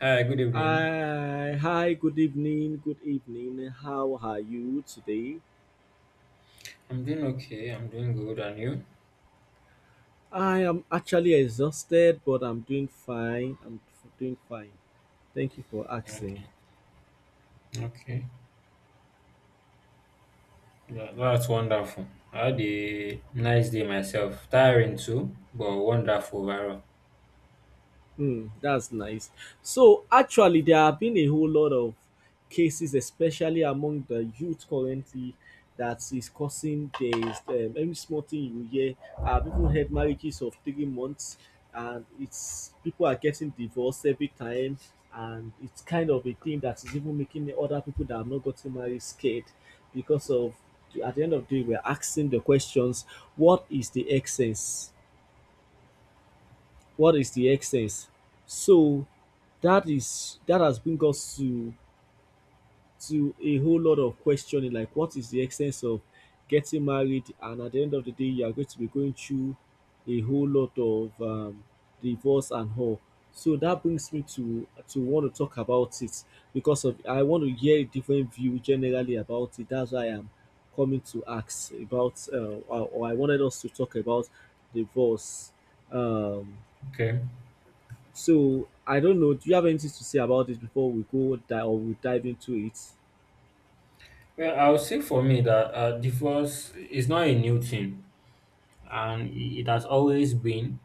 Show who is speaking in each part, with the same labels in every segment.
Speaker 1: Hi, good evening.
Speaker 2: Hi, good evening, good evening. How are you today?
Speaker 1: I'm doing okay. I'm doing good. And you?
Speaker 2: I am actually exhausted, but I'm doing fine. Doing fine. Thank you for asking.
Speaker 1: Okay. Okay. That's wonderful. I had a nice day myself. Tiring too, but wonderful overall.
Speaker 2: That's nice. So actually, there have been a whole lot of cases, especially among the youth currently, that is causing this. Every small thing you hear, I've even heard marriages of 3 months, and it's people are getting divorced every time, and it's kind of a thing that is even making the other people that have not gotten married scared because of. At the end of the day, we're asking the questions: What is the excess? What is the excess? So that is that has bring us to a whole lot of questioning, like what is the essence of getting married and at the end of the day you are going to be going through a whole lot of divorce and all. So that brings me to want to talk about it because of I want to hear a different view generally about it. That's why I am coming to ask about or I wanted us to talk about divorce. Um,
Speaker 1: Okay.
Speaker 2: so I don't know. Do you have anything to say about this before we go dive or we dive into it?
Speaker 1: Well, I would say for me that divorce is not a new thing, and it has always been,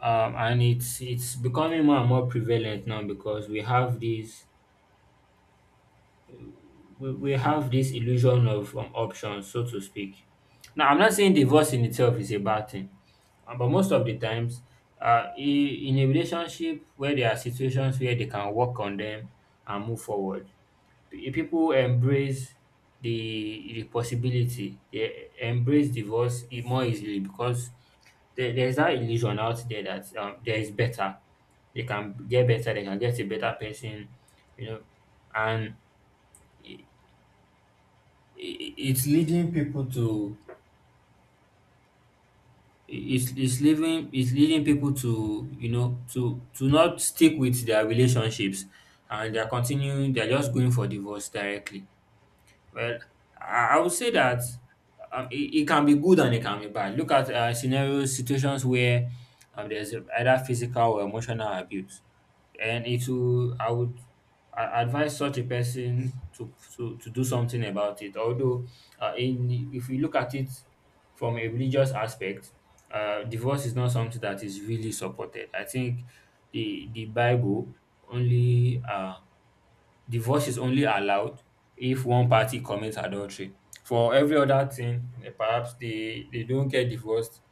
Speaker 1: and it's becoming more and more prevalent now because we have these, we have this illusion of options, so to speak. Now, I'm not saying divorce in itself is a bad thing, but most of the times, in a relationship where there are situations where they can work on them and move forward, people embrace the possibility, they embrace divorce more easily because there's that illusion out there that there is better. They can get better, they can get a better person, you know, and i- it's leading people to it's leading people to, you know, to not stick with their relationships, and they're just going for divorce directly. Well, I would say that um, it, it can be good and it can be bad. Look at scenarios, situations where there's either physical or emotional abuse, and it will. I would, I advise such a person to to do something about it. Although, in, if we look at it from a religious aspect, divorce is not something that is really supported. I think the Bible only divorce is only allowed if one party commits adultery. For every other thing, eh, perhaps they don't get divorced.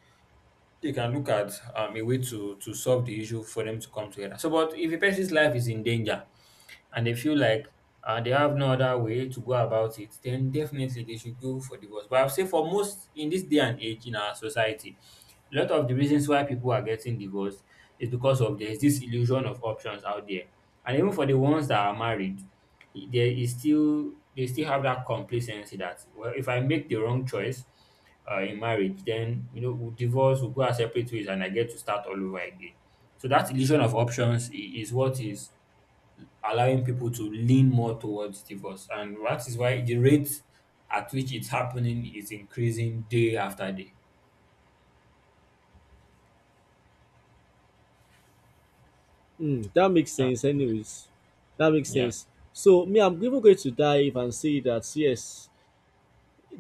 Speaker 1: They can look at a way to solve the issue for them to come together. So, but if a person's life is in danger and they feel like they have no other way to go about it, then definitely they should go for divorce. But I would say for most, in this day and age, in our society, a lot of the reasons why people are getting divorced is because of there's this illusion of options out there, and even for the ones that are married, there is still, they still have that complacency that, well, if I make the wrong choice in marriage, then you know, we'll divorce, we'll go our separate ways, and I get to start all over again. So that illusion of options is what is allowing people to lean more towards divorce, and that is why the rate at which it's happening is increasing day after day.
Speaker 2: That makes
Speaker 1: Ah,
Speaker 2: sense. Anyways, that makes
Speaker 1: yeah.
Speaker 2: sense. So me, I'm even going to dive and say that yes,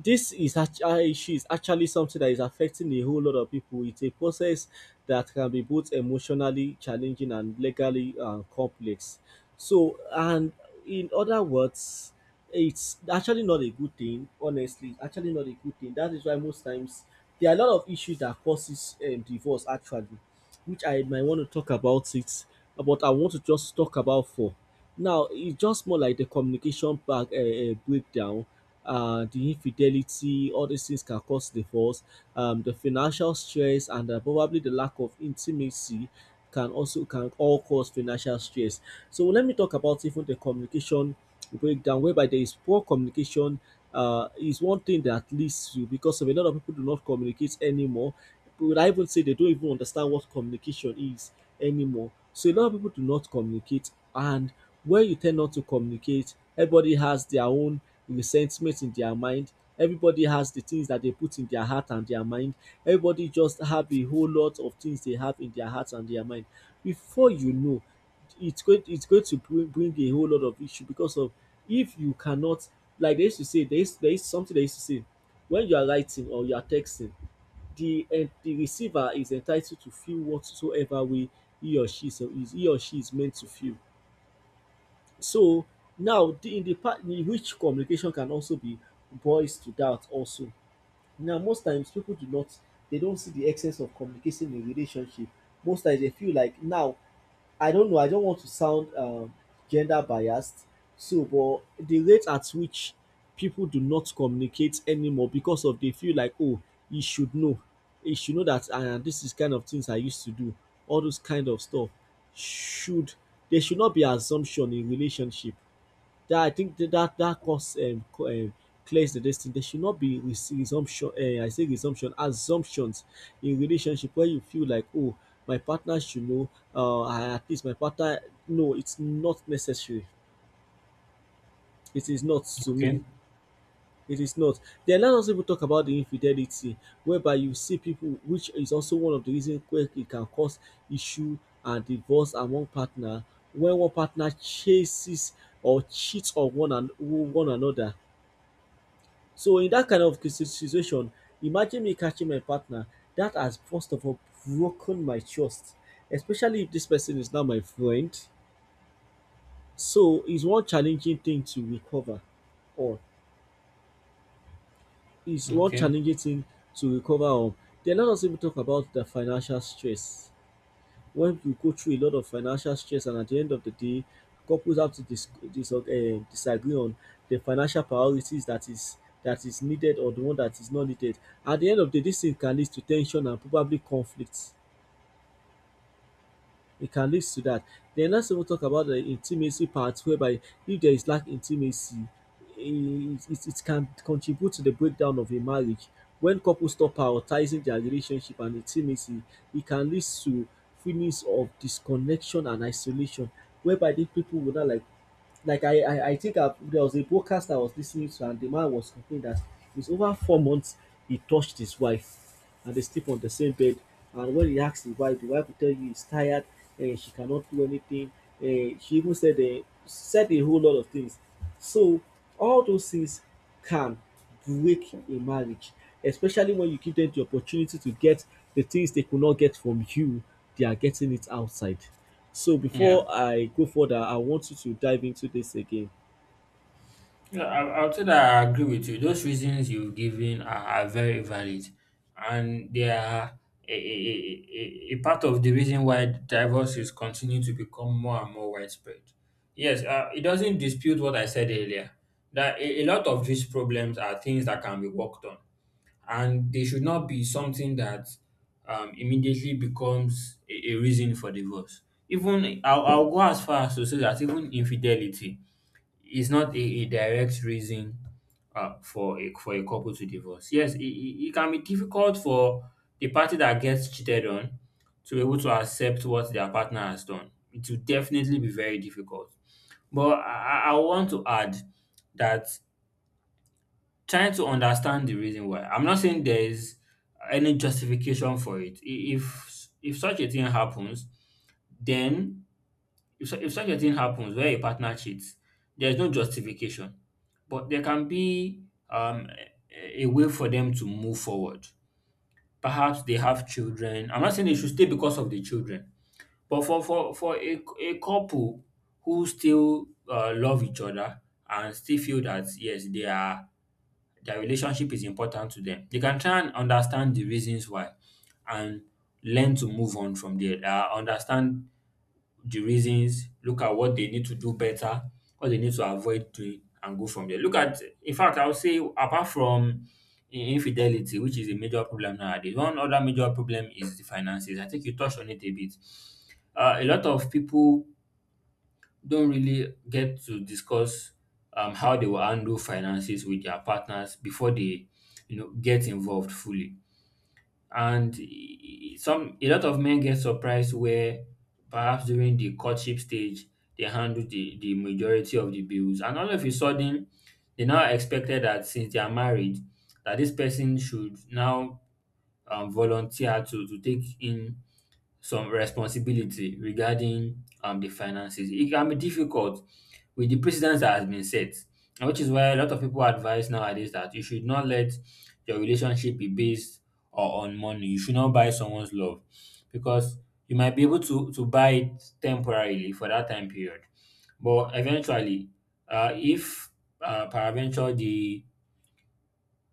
Speaker 2: this is actually something that is affecting a whole lot of people. It's a process that can be both emotionally challenging and legally complex. So, and in other words, it's actually not a good thing. Honestly, it's actually not a good thing. That is why most times there are a lot of issues that causes divorce. Actually, which I might want to talk about it, but I want to just talk about four now. It's just more like the communication back breakdown, the infidelity, all these things can cause divorce. The financial stress and probably the lack of intimacy can all cause financial stress. So let me talk about even the communication breakdown, whereby there is poor communication. Is one thing that leads to because of a lot of people do not communicate anymore. Would I even say they don't even understand what communication is anymore? So a lot of people do not communicate, and when you tend not to communicate, everybody has the sentiment in their mind. Everybody has the things that they put in their heart and their mind. Everybody just have a whole lot of things they have in their heart and their mind. Before you know, it's going to bring a whole lot of issue because of if you cannot like they used to say, there is something they used to say: when you are writing or you are texting, the and the receiver is entitled to feel whatsoever way he or she is meant to feel. So now the in the part in which communication can also be boils to that also. Now most times people do not they don't see the excess of communication in relationship. Most times they feel like now I don't know, I don't want to sound gender biased, so but the rate at which people do not communicate anymore because of they feel like, oh, he should know he should know that, ah, this is kind of things I used to do, all those kind of stuff should there should not be assumption in relationship that I think that that course clears the destiny. There should not be resumption. I say resumption, assumptions in relationship where you feel like, oh, my partner should know. At least my partner. No, it's not necessary. It is not to me.
Speaker 1: Okay.
Speaker 2: It is not. Then let us even talk about the infidelity, whereby you see people, which is also one of the reasons where it can cause issue and divorce among partner when one partner chases or cheats on one another. So in that kind of situation, imagine me catching my partner that has first of all broken my trust, especially if this person is not my friend. So it's one challenging thing to recover, or it's one
Speaker 1: Okay.
Speaker 2: challenging thing to recover. Or then let us even talk about the financial stress. When you go through a lot of financial stress and at the end of the day couples have to disagree on the financial priorities, that is needed or the one that is not needed. At the end of the day this thing can lead to ten sion and probably conflict, it can lead to that. Then let's even talk about the intimacy part, whereby if there is lack intimacy, it can contribute to the breakdown of a marriage. When couples stop prioritizing their relationship and intimacy, it can lead to feelings of disconnection and isolation whereby these people will not like like I think I there was a broadcast I was listening to and the man was complaining that it's over 4 months he touched his wife and they sleep on the same bed, and when he asked the wife will tell you he's tired, she cannot do anything. She even said a whole lot of things. So all those things can break a marriage, especially when you give them the opportunity to get the things they could not get from you, they are getting it outside. So
Speaker 1: Yeah.
Speaker 2: before I go further, I want you to dive into this again.
Speaker 1: Yeah, I would say that I agree with you. Those reasons you've given are very valid, and they are a part of the reason why divorce is continuing to become more and more widespread. Yes, it doesn't dispute what I said earlier that a lot of these problems are things that can be worked on, and they should not be something that immediately becomes a reason for divorce. Even I'll go as far as to say that even infidelity, it's not a direct reason for a, for a couple to divorce. Yes, it can be difficult for the party that gets cheated on to be able to accept what their partner has done. It will definitely be very difficult. But I want to add that trying to understand the reason why. I'm not saying there is any justification for it. If such a thing happens, then if, if such a thing happens where a partner cheats, there is no justification, but there can be um, a way for them to move forward. Perhaps they have children. I'm not saying they should stay because of the children, but for a couple who still love each other and still feel that, yes, they are, their relationship is important to them. They can try and understand the reasons why, and learn to move on from there. Understand the reasons, look at what they need to do better, what they need to avoid doing, and go from there. Look at, in fact, I would say apart from infidelity, which is a major problem nowadays, one other major problem is the finances. I think you touched on it a bit. A lot of people don't really get to discuss how they will handle finances with their partners before they, you know, get involved fully, and some a lot of men get surprised where perhaps during the courtship stage they handle the majority of the bills, and all of a sudden they now expected that since they are married, that this person should now volunteer to take in some responsibility regarding the finances. It can be difficult with the precedence that has been set, and which is why a lot of people advise nowadays that you should not let your relationship be based or on money. You should not buy someone's love, because you might be able to buy it temporarily for that time period. But eventually, if peradventure the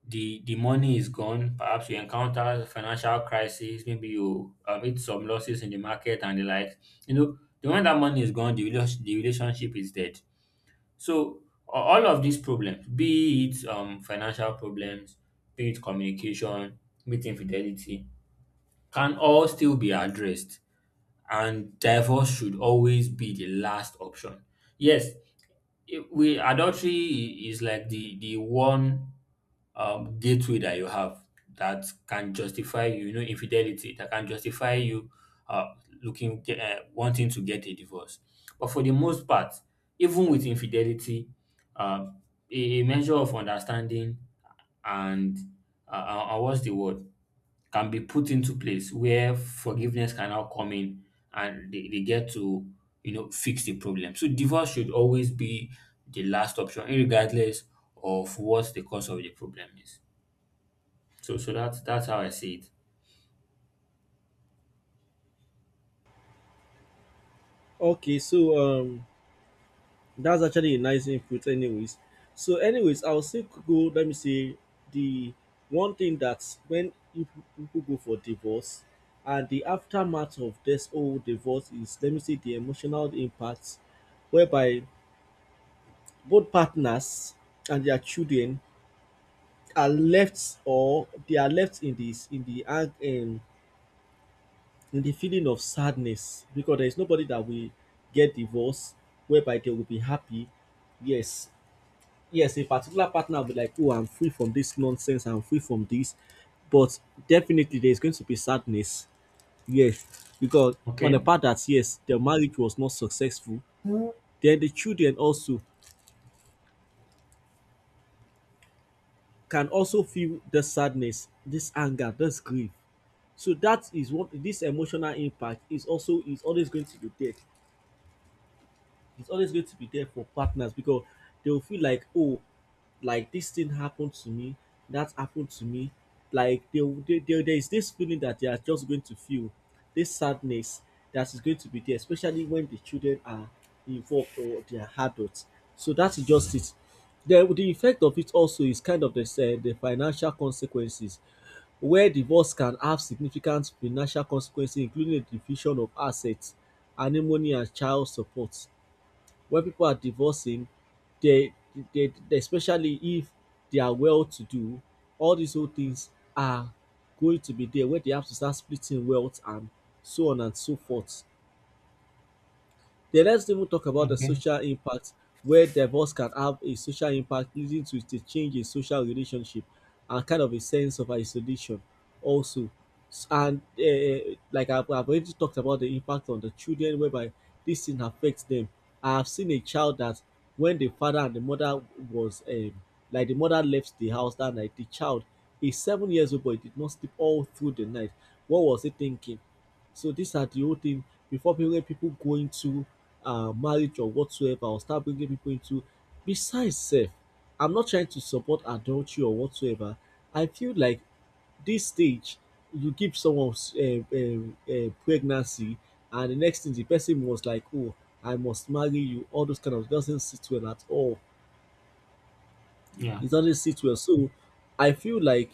Speaker 1: the money is gone. Perhaps you encounter financial crisis. Maybe you meet some losses in the market and the like. You know, the moment that money is gone, the the relationship is dead. So, all of these problems, be it financial problems, be it communication, be it infidelity, can all still be addressed. And divorce should always be the last option. Yes, we, adultery is like the one gateway that you have that can justify you, you know, infidelity, that can justify you uh, looking, wanting to get a divorce. But for the most part, even with infidelity, uh, a measure of understanding and what's the word, can be put into place where forgiveness can now come in, and they get to, you know, fix the problem. So divorce should always be the last option, regardless of what the cause of the problem is. So that's how I see it.
Speaker 2: Okay, so um That's actually a nice input, anyways. So, anyways, I'll still go. Let me say the one thing that when if people go for divorce, and the aftermath of this whole divorce is let me say the emotional impact, whereby both partners and their children are left or they are left in this in the in the feeling of sadness, because there is nobody that will get divorced whereby they will be happy. Yes, yes, a particular partner will be like, oh, I'm free from this nonsense, I'm free from this. But definitely there's going to be sadness. Yes. Because on the
Speaker 1: Okay.
Speaker 2: part that yes, the marriage was not successful, then the children also can also feel the sadness, this anger, this grief. So that is what this emotional impact is also is always going to be there. It's always going to be there for partners because they'll feel like, oh, like this thing happened to me, that happened to me. Like they, there is this feeling that they are just going to feel, this sadness that is going to be there, especially when the children are involved or they are adults. So that is just it. The effect of it also is kind of the financial consequences, where divorce can have significant financial consequences, including the division of assets, alimony, and child support. When people are divorcing, they, they especially if they are well to do, all these whole things are going to be there where they have to start splitting wealth and so on and so forth. Then let's even talk about the
Speaker 1: Okay.
Speaker 2: social impact where divorce can have a social impact, leading to a change in social relationship and kind of a sense of isolation also. And like I've already talked about the impact on the children whereby this thing affects them. I have seen a child that when the father and the mother was like the mother left the house that night, the child is 7 years old but he did not sleep all through the night. What was he thinking? So these are the whole thing before people go into marriage or whatsoever, or start bringing people into besides self. I'm not trying to support adultery or whatsoever. I feel like this stage you give someone pregnancy and the next thing the person was like, oh, I must marry you, all those kind of doesn't sit well at all,
Speaker 1: Yeah.
Speaker 2: it doesn't sit well. So I feel like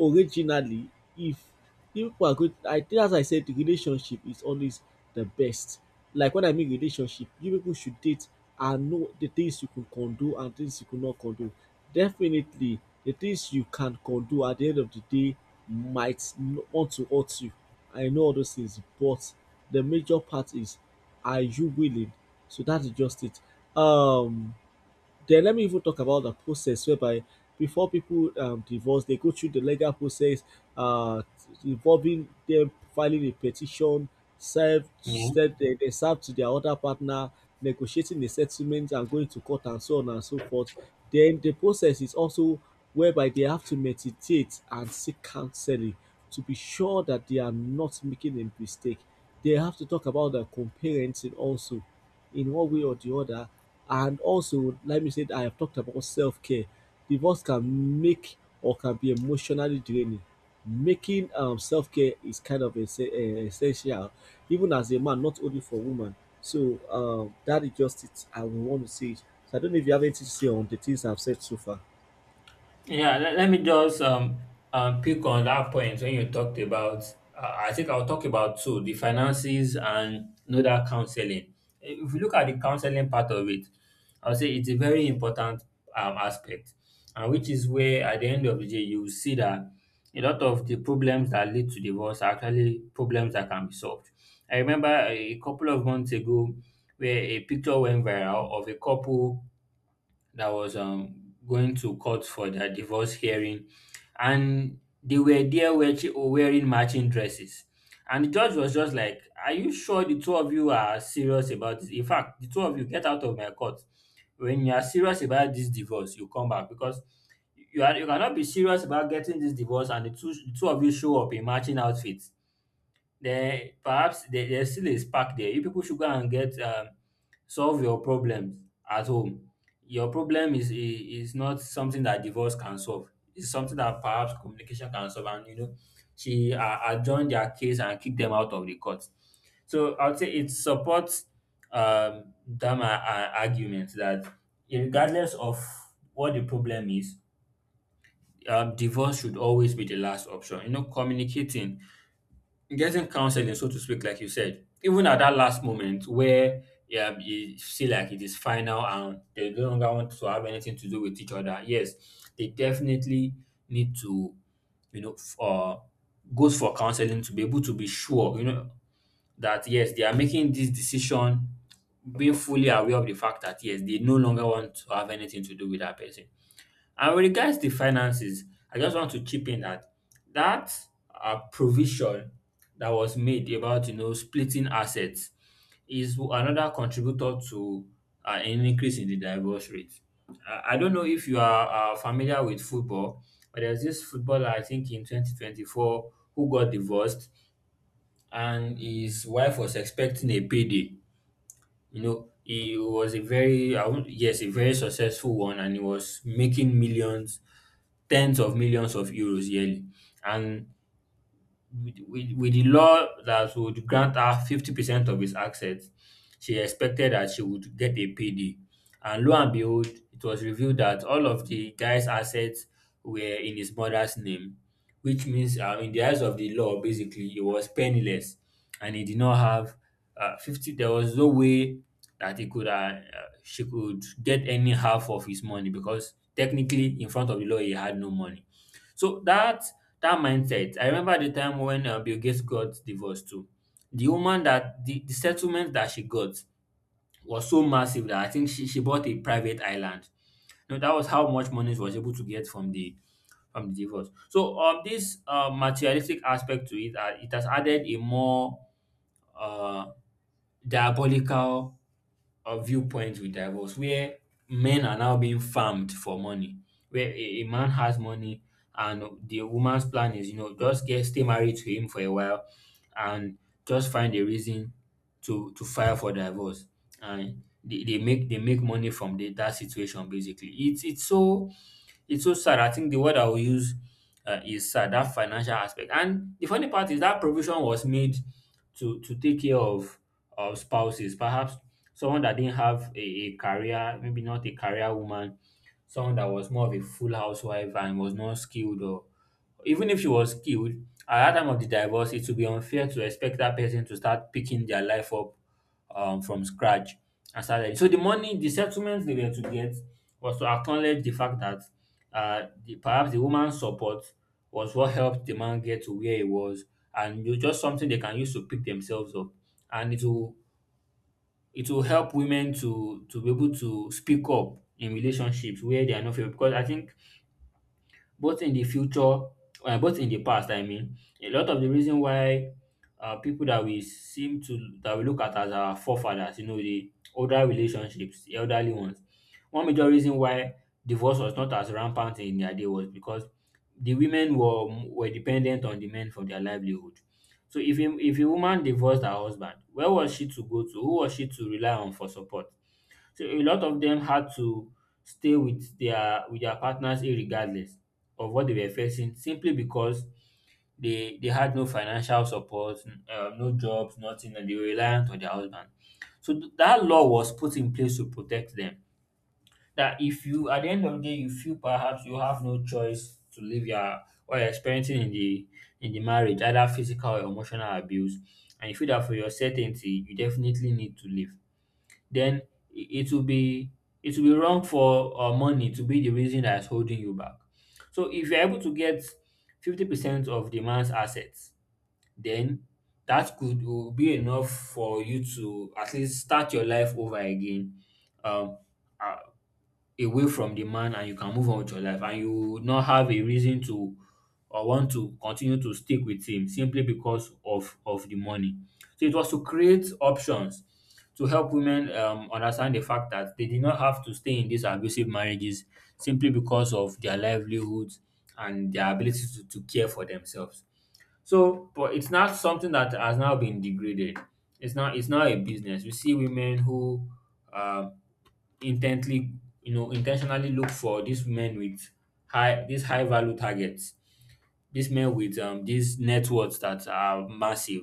Speaker 2: originally, if if people are good, I think as I said, the relationship is always the best. Like when I mean relationship, you people should date and know the things you can condone and things you cannot condone. Definitely, the things you can condone at the end of the day might want to hurt you. I know all those things, but the major part is, are you willing? So that is just it. Um, then let me even talk about the process whereby before people divorce, they go through the legal process uh, involving them filing a petition, serve,
Speaker 1: Yeah.
Speaker 2: serve they serve to their other partner, negotiating a settlement and going to court and so on and so forth. Then the process is also whereby they have to meditate and seek counseling to be sure that they are not making a mistake. They have to talk about the co-parenting also in one way or the other, and also, let me say that I have talked about self-care. Divorce can make or can be emotionally draining. Making self-care is kind of essential, even as a man, not only for women. So that is just it. I would want to say it. So I don't know if you have anything to say on the things I've said so far.
Speaker 1: Yeah, let me just pick on that point when you talked about. I think I'll talk about two: the finances and another, counseling. If you look at the counseling part of it, I'll say it's a very important aspect, and which is where at the end of the day you see that a lot of the problems that lead to divorce are actually problems that can be solved. I remember a couple of months ago where a picture went viral of a couple that was going to court for their divorce hearing, and they were there wearing matching dresses. And the judge was just like, "Are you sure the two of you are serious about this? In fact, the two of you, get out of my court. When you are serious about this divorce, you come back, because you, are, you cannot be serious about getting this divorce and the two of you show up in matching outfits. Then perhaps there's still a spark there. You people should go and get solve your problems at home. Your problem is is not something that divorce can solve. It's something that perhaps communication can solve." And you know, she adjourned their case and kicked them out of the court. So I would say it supports that my argument that regardless of what the problem is, divorce should always be the last option. You know, communicating, getting counseling, so to speak, like you said, even at that last moment where, yeah, you see like it is final and they no longer want to have anything to do with each other. Yes, they definitely need to, you know, goes for counseling to be able to be sure, you know, that yes, they are making this decision, being fully aware of the fact that yes, they no longer want to have anything to do with that person. And with regards to finances, I just want to chip in that that provision that was made about, you know, splitting assets is another contributor to an increase in the divorce rate. I don't know if you are familiar with football, but there's this footballer, I think in 2024, who got divorced, and his wife was expecting a payday. You know, he was a very, I won't, yes, a very successful one, and he was making millions, tens of millions of euros yearly. And with the law that would grant her 50% of his assets, she expected that she would get a payday. And lo and behold, it was revealed that all of the guy's assets were in his mother's name, which means, in the eyes of the law, basically, he was penniless and he did not have 50. There was no way that he could, she could get any half of his money because technically, in front of the law, he had no money. So that mindset, I remember the time when Bill Gates got divorced too. The woman that the settlement that she got was so massive that I think she bought a private island. You know, that was how much money she was able to get from the divorce. So this materialistic aspect to it, it has added a more uh, diabolical of viewpoints with divorce where men are now being farmed for money where a man has money, and the woman's plan is, you know, just get stay married to him for a while and just find a reason to file for divorce, and they make money from that situation. Basically, it's so sad. I think the word I will use, is sad, that financial aspect. And the funny part is that provision was made to take care of spouses, perhaps someone that didn't have a career, maybe not a career woman, someone that was more of a full housewife and was not skilled, or even if she was skilled, at that time of the divorce, it would be unfair to expect that person to start picking their life up from scratch and started. So the money, the settlements they were to get was to acknowledge the fact that perhaps the woman's support was what helped the man get to where he was, and it was just something they can use to pick themselves up, and it will help women to be able to speak up in relationships where they are not fair. Because I think both in the future, both in the past. I mean, a lot of the reason why people that we seem to that we look at as our forefathers, you know, the older relationships, the elderly ones. One major reason why divorce was not as rampant in their day was because the women were dependent on the men for their livelihood. So if a woman divorced her husband, where was she to go to? Who was she to rely on for support? So a lot of them had to stay with their partners irregardless of what they were facing, simply because they had no financial support, no jobs, nothing, and they were reliant on their husband. So that law was put in place to protect them. That if you at the end of the day you feel perhaps you have no choice to leave your or you're experiencing in the marriage, either physical or emotional abuse, and you feel that for your certainty, you definitely need to leave, then it will be it will be wrong for money to be the reason that is holding you back. So if you're able to get 50% of the man's assets, then that could will be enough for you to at least start your life over again. Um, uh, Away from the man, and you can move on with your life and you will not have a reason to or want to continue to stick with him simply because of the money. So it was to create options to help women understand the fact that they did not have to stay in these abusive marriages simply because of their livelihoods and their ability to care for themselves. So, but it's not something that has now been degraded. It's not a business. We see women who um intently, you know, intentionally look for these men with high these high value targets, these men with these networks that are massive,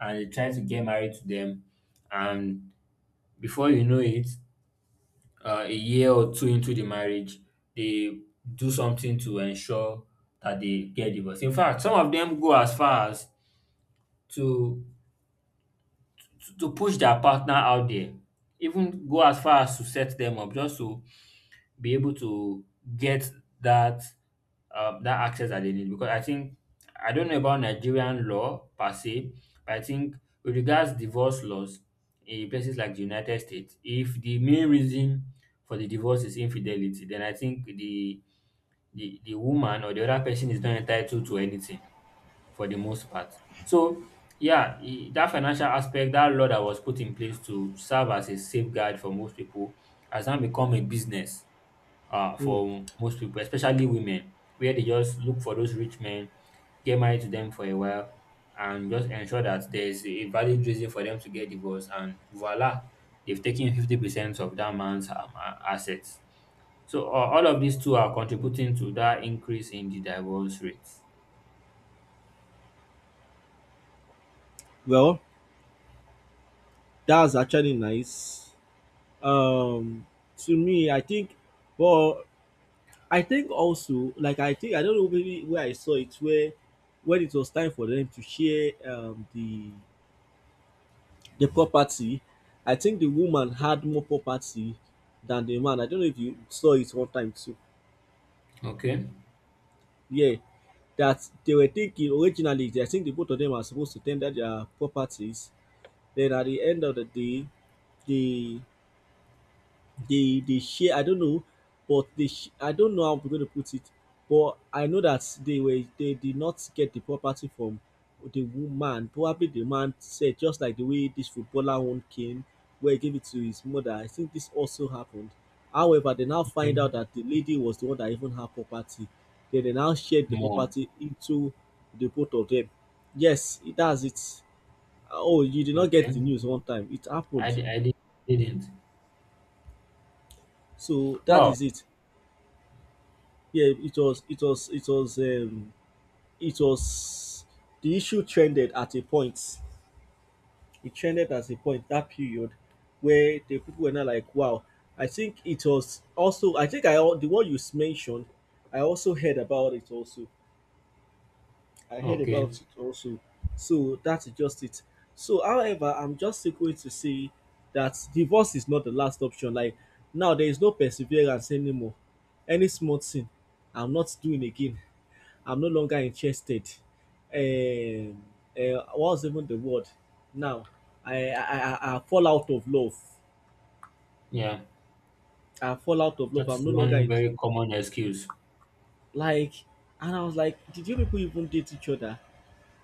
Speaker 1: and they try to get married to them, and before you know it, a year or two into the marriage they do something to ensure that they get divorced. In fact, some of them go as far as to to push their partner out there, even go as far as to set them up just to be able to get that that access that they need. Because I think I don't know about Nigerian law per se, but I think with regards divorce laws in places like the United States, if the main reason for the divorce is infidelity, then I think the woman or the other person is not entitled to anything for the most part. So yeah, that financial aspect, that law that was put in place to serve as a safeguard for most people, has now become a business
Speaker 2: Hmm.
Speaker 1: for most people, especially women, where they just look for those rich men, get married to them for a while, and just ensure that there's a valid reason for them to get divorced. And voila, they've taken 50% of that man's assets. So all of these two are contributing to that increase in the divorce rates.
Speaker 2: Well, that's actually nice. Um, to me, I think, well, I think also, like I think I don't know maybe where I saw it, where when it was time for them to share the property, I think the woman had more property than the man. I don't know if you saw it one time too.
Speaker 1: Okay.
Speaker 2: Yeah. That they were thinking originally, I think the both of them are supposed to tender their properties. Then at the end of the day, the they share, I don't know, but I don't know how I'm going to put it, but I know that they were they did not get the property from the woman. Probably the man said, just like the way this footballer one came, where he gave it to his mother. I think this also happened. However, they now find
Speaker 1: Okay.
Speaker 2: out that the lady was the one that even had property. Then they now shared the
Speaker 1: More.
Speaker 2: property into the both of them. Yes, it does it. Oh, you did not get
Speaker 1: Okay.
Speaker 2: the news one time. It
Speaker 1: I,
Speaker 2: happened.
Speaker 1: di- I di- didn't.
Speaker 2: So that
Speaker 1: Wow.
Speaker 2: is it. Yeah, it was it was the issue trended at a point. It trended at a point that period where the people were not like, wow. I think it was also, I think the one you mentioned, I also heard about it also. I heard
Speaker 1: Okay.
Speaker 2: about it also. So that's just it. So however, I'm just still going to say that divorce is not the last option. Like now there is no perseverance anymore. Any small thing, I'm not doing again. I'm no longer interested. Um, what's even the word now? I fall out of love.
Speaker 1: Yeah.
Speaker 2: I fall out of love. I'm
Speaker 1: That's
Speaker 2: no longer
Speaker 1: one
Speaker 2: in,
Speaker 1: very common excuse.
Speaker 2: like, and I was like, did you people even date each other?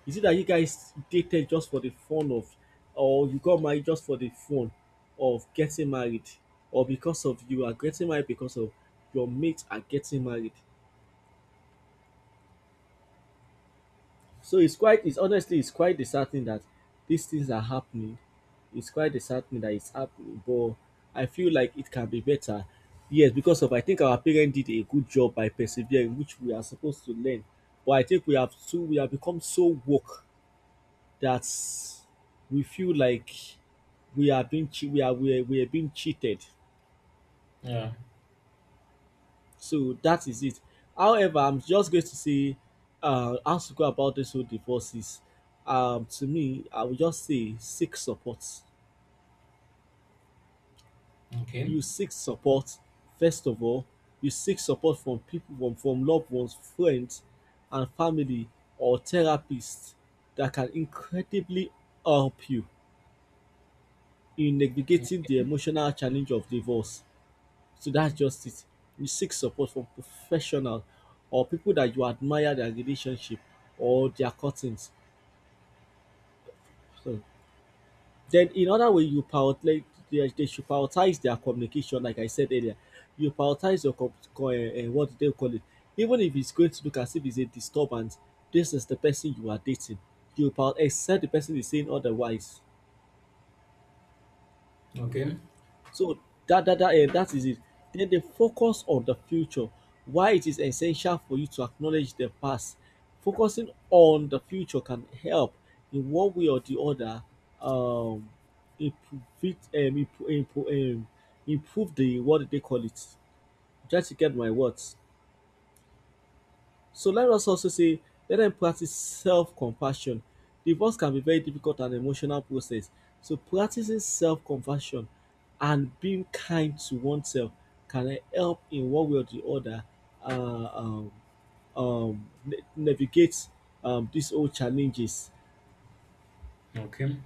Speaker 2: Is it that you guys dated just for the fun of, or you got married just for the fun of getting married, or because of you are getting married because of your mates are getting married? So it's honestly it's quite disheartening that these things are happening. It's quite disheartening that it's happening, but I feel like it can be better. Yes, because of I think our parents did a good job by persevering, which we are supposed to learn. But I think we have become so woke that we feel like we are being cheated.
Speaker 1: Yeah.
Speaker 2: So that is it. However, I'm just going to say how to go about this whole divorces. To me, I would just say seek support.
Speaker 1: Okay.
Speaker 2: You seek support first of all. You seek support from people, from loved ones, friends, and family or therapists that can incredibly help you in navigating the emotional challenge of divorce. So that's just it. You seek support from professional or people that you admire their relationship or their cuttings. So then in other way you prioritize, they should prioritize their communication, like I said earlier. You prioritize your what do they call it. Even if it's going to look as if it's a disturbance, this is the person you are dating. You prioritize, except the person is saying otherwise.
Speaker 1: Okay.
Speaker 2: So that is it. Then they focus on the future. Why it is essential for you to acknowledge the past. Focusing on the future can help in one way or the other um improve it, improve the what do they call it. Try to get my words. So let us also say, let them practice self compassion. Divorce can be very difficult and emotional process. So practicing self compassion and being kind to oneself can help in one way or the other uh, um, navigate these old challenges.
Speaker 1: Okay.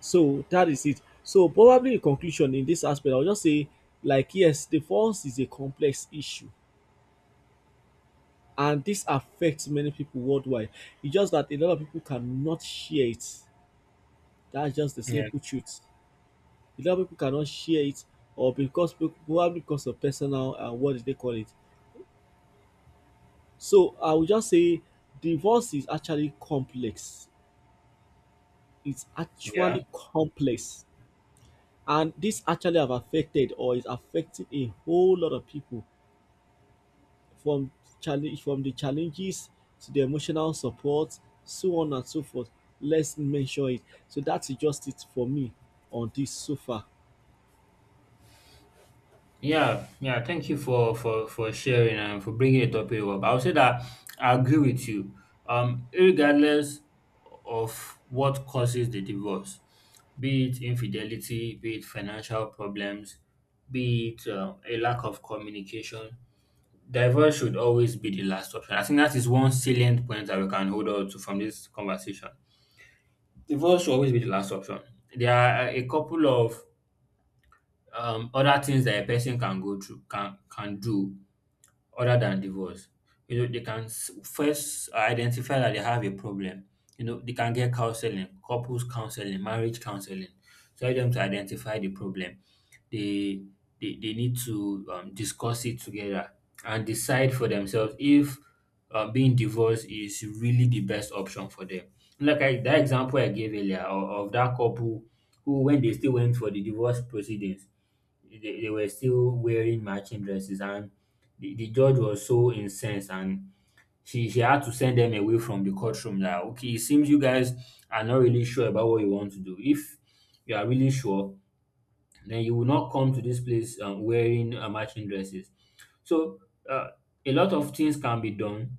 Speaker 2: So that is it. So probably in conclusion in this aspect, I'll just say, like yes, divorce is a complex issue and this affects many people worldwide. It's just that a lot of people cannot share it. That's just the
Speaker 1: Yeah.
Speaker 2: simple truth. A lot of people cannot share it, or because probably because of personal what did they call it. So I would just say divorce is actually complex. It's
Speaker 1: Yeah.
Speaker 2: actually complex, and this actually have affected or is affecting a whole lot of people. From Challenge from the challenges to the emotional support, so on and so forth. Let's mention it. So that's just it for me on this so far.
Speaker 1: Yeah, yeah, thank you for for sharing and for bringing the topic up. I would say that I agree with you. Regardless of what causes the divorce, be it infidelity, be it financial problems, be it a lack of communication, divorce should always be the last option. I think that is one salient point that we can hold on to from this conversation. Divorce should always be the last option. There are a couple of other things that a person can go through, can do, other than divorce. You know, they can first identify that they have a problem. You know, they can get counseling, couples counseling, marriage counseling, to help them to identify the problem. They they, they need to discuss it together and decide for themselves if being divorced is really the best option for them. Like that example I gave earlier of that couple who when they still went for the divorce proceedings, they were still wearing matching dresses, and the judge was so incensed, and she had to send them away from the courtroom. That okay, it seems you guys are not really sure about what you want to do. If you are really sure, then you will not come to this place wearing matching dresses. So, uh, a lot of things can be done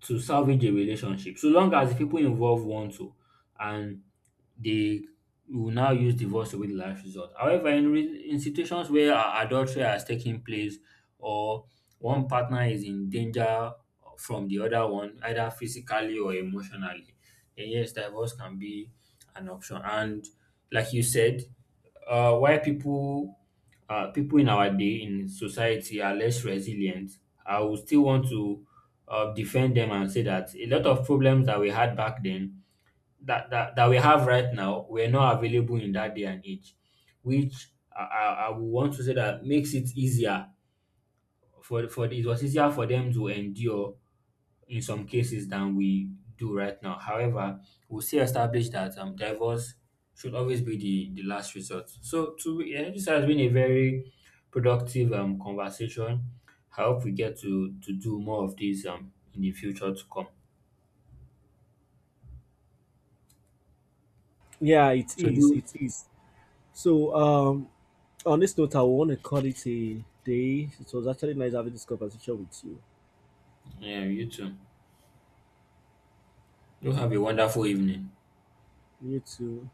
Speaker 1: to salvage a relationship, so long as the people involved want to, and they will now use divorce to be the last resort. However, in situations where adultery has taken place, or one partner is in danger from the other one, either physically or emotionally, then yes, divorce can be an option. And like you said, why people people in our day in society are less resilient, I would still want to defend them and say that a lot of problems that we had back then that we have right now were not available in that day and age, which I would want to say that makes it easier for it was easier for them to endure in some cases than we do right now. However, we still establish that divorce should always be the last resort. So, to yeah, this has been a very productive conversation. I hope we get to do more of this in the future to come.
Speaker 2: Yeah, it
Speaker 1: So,
Speaker 2: is.
Speaker 1: do
Speaker 2: It is. So, on this note, I want to call it a day. It was actually nice having this conversation with you.
Speaker 1: yeah, you too. Do have a wonderful evening.
Speaker 2: You too.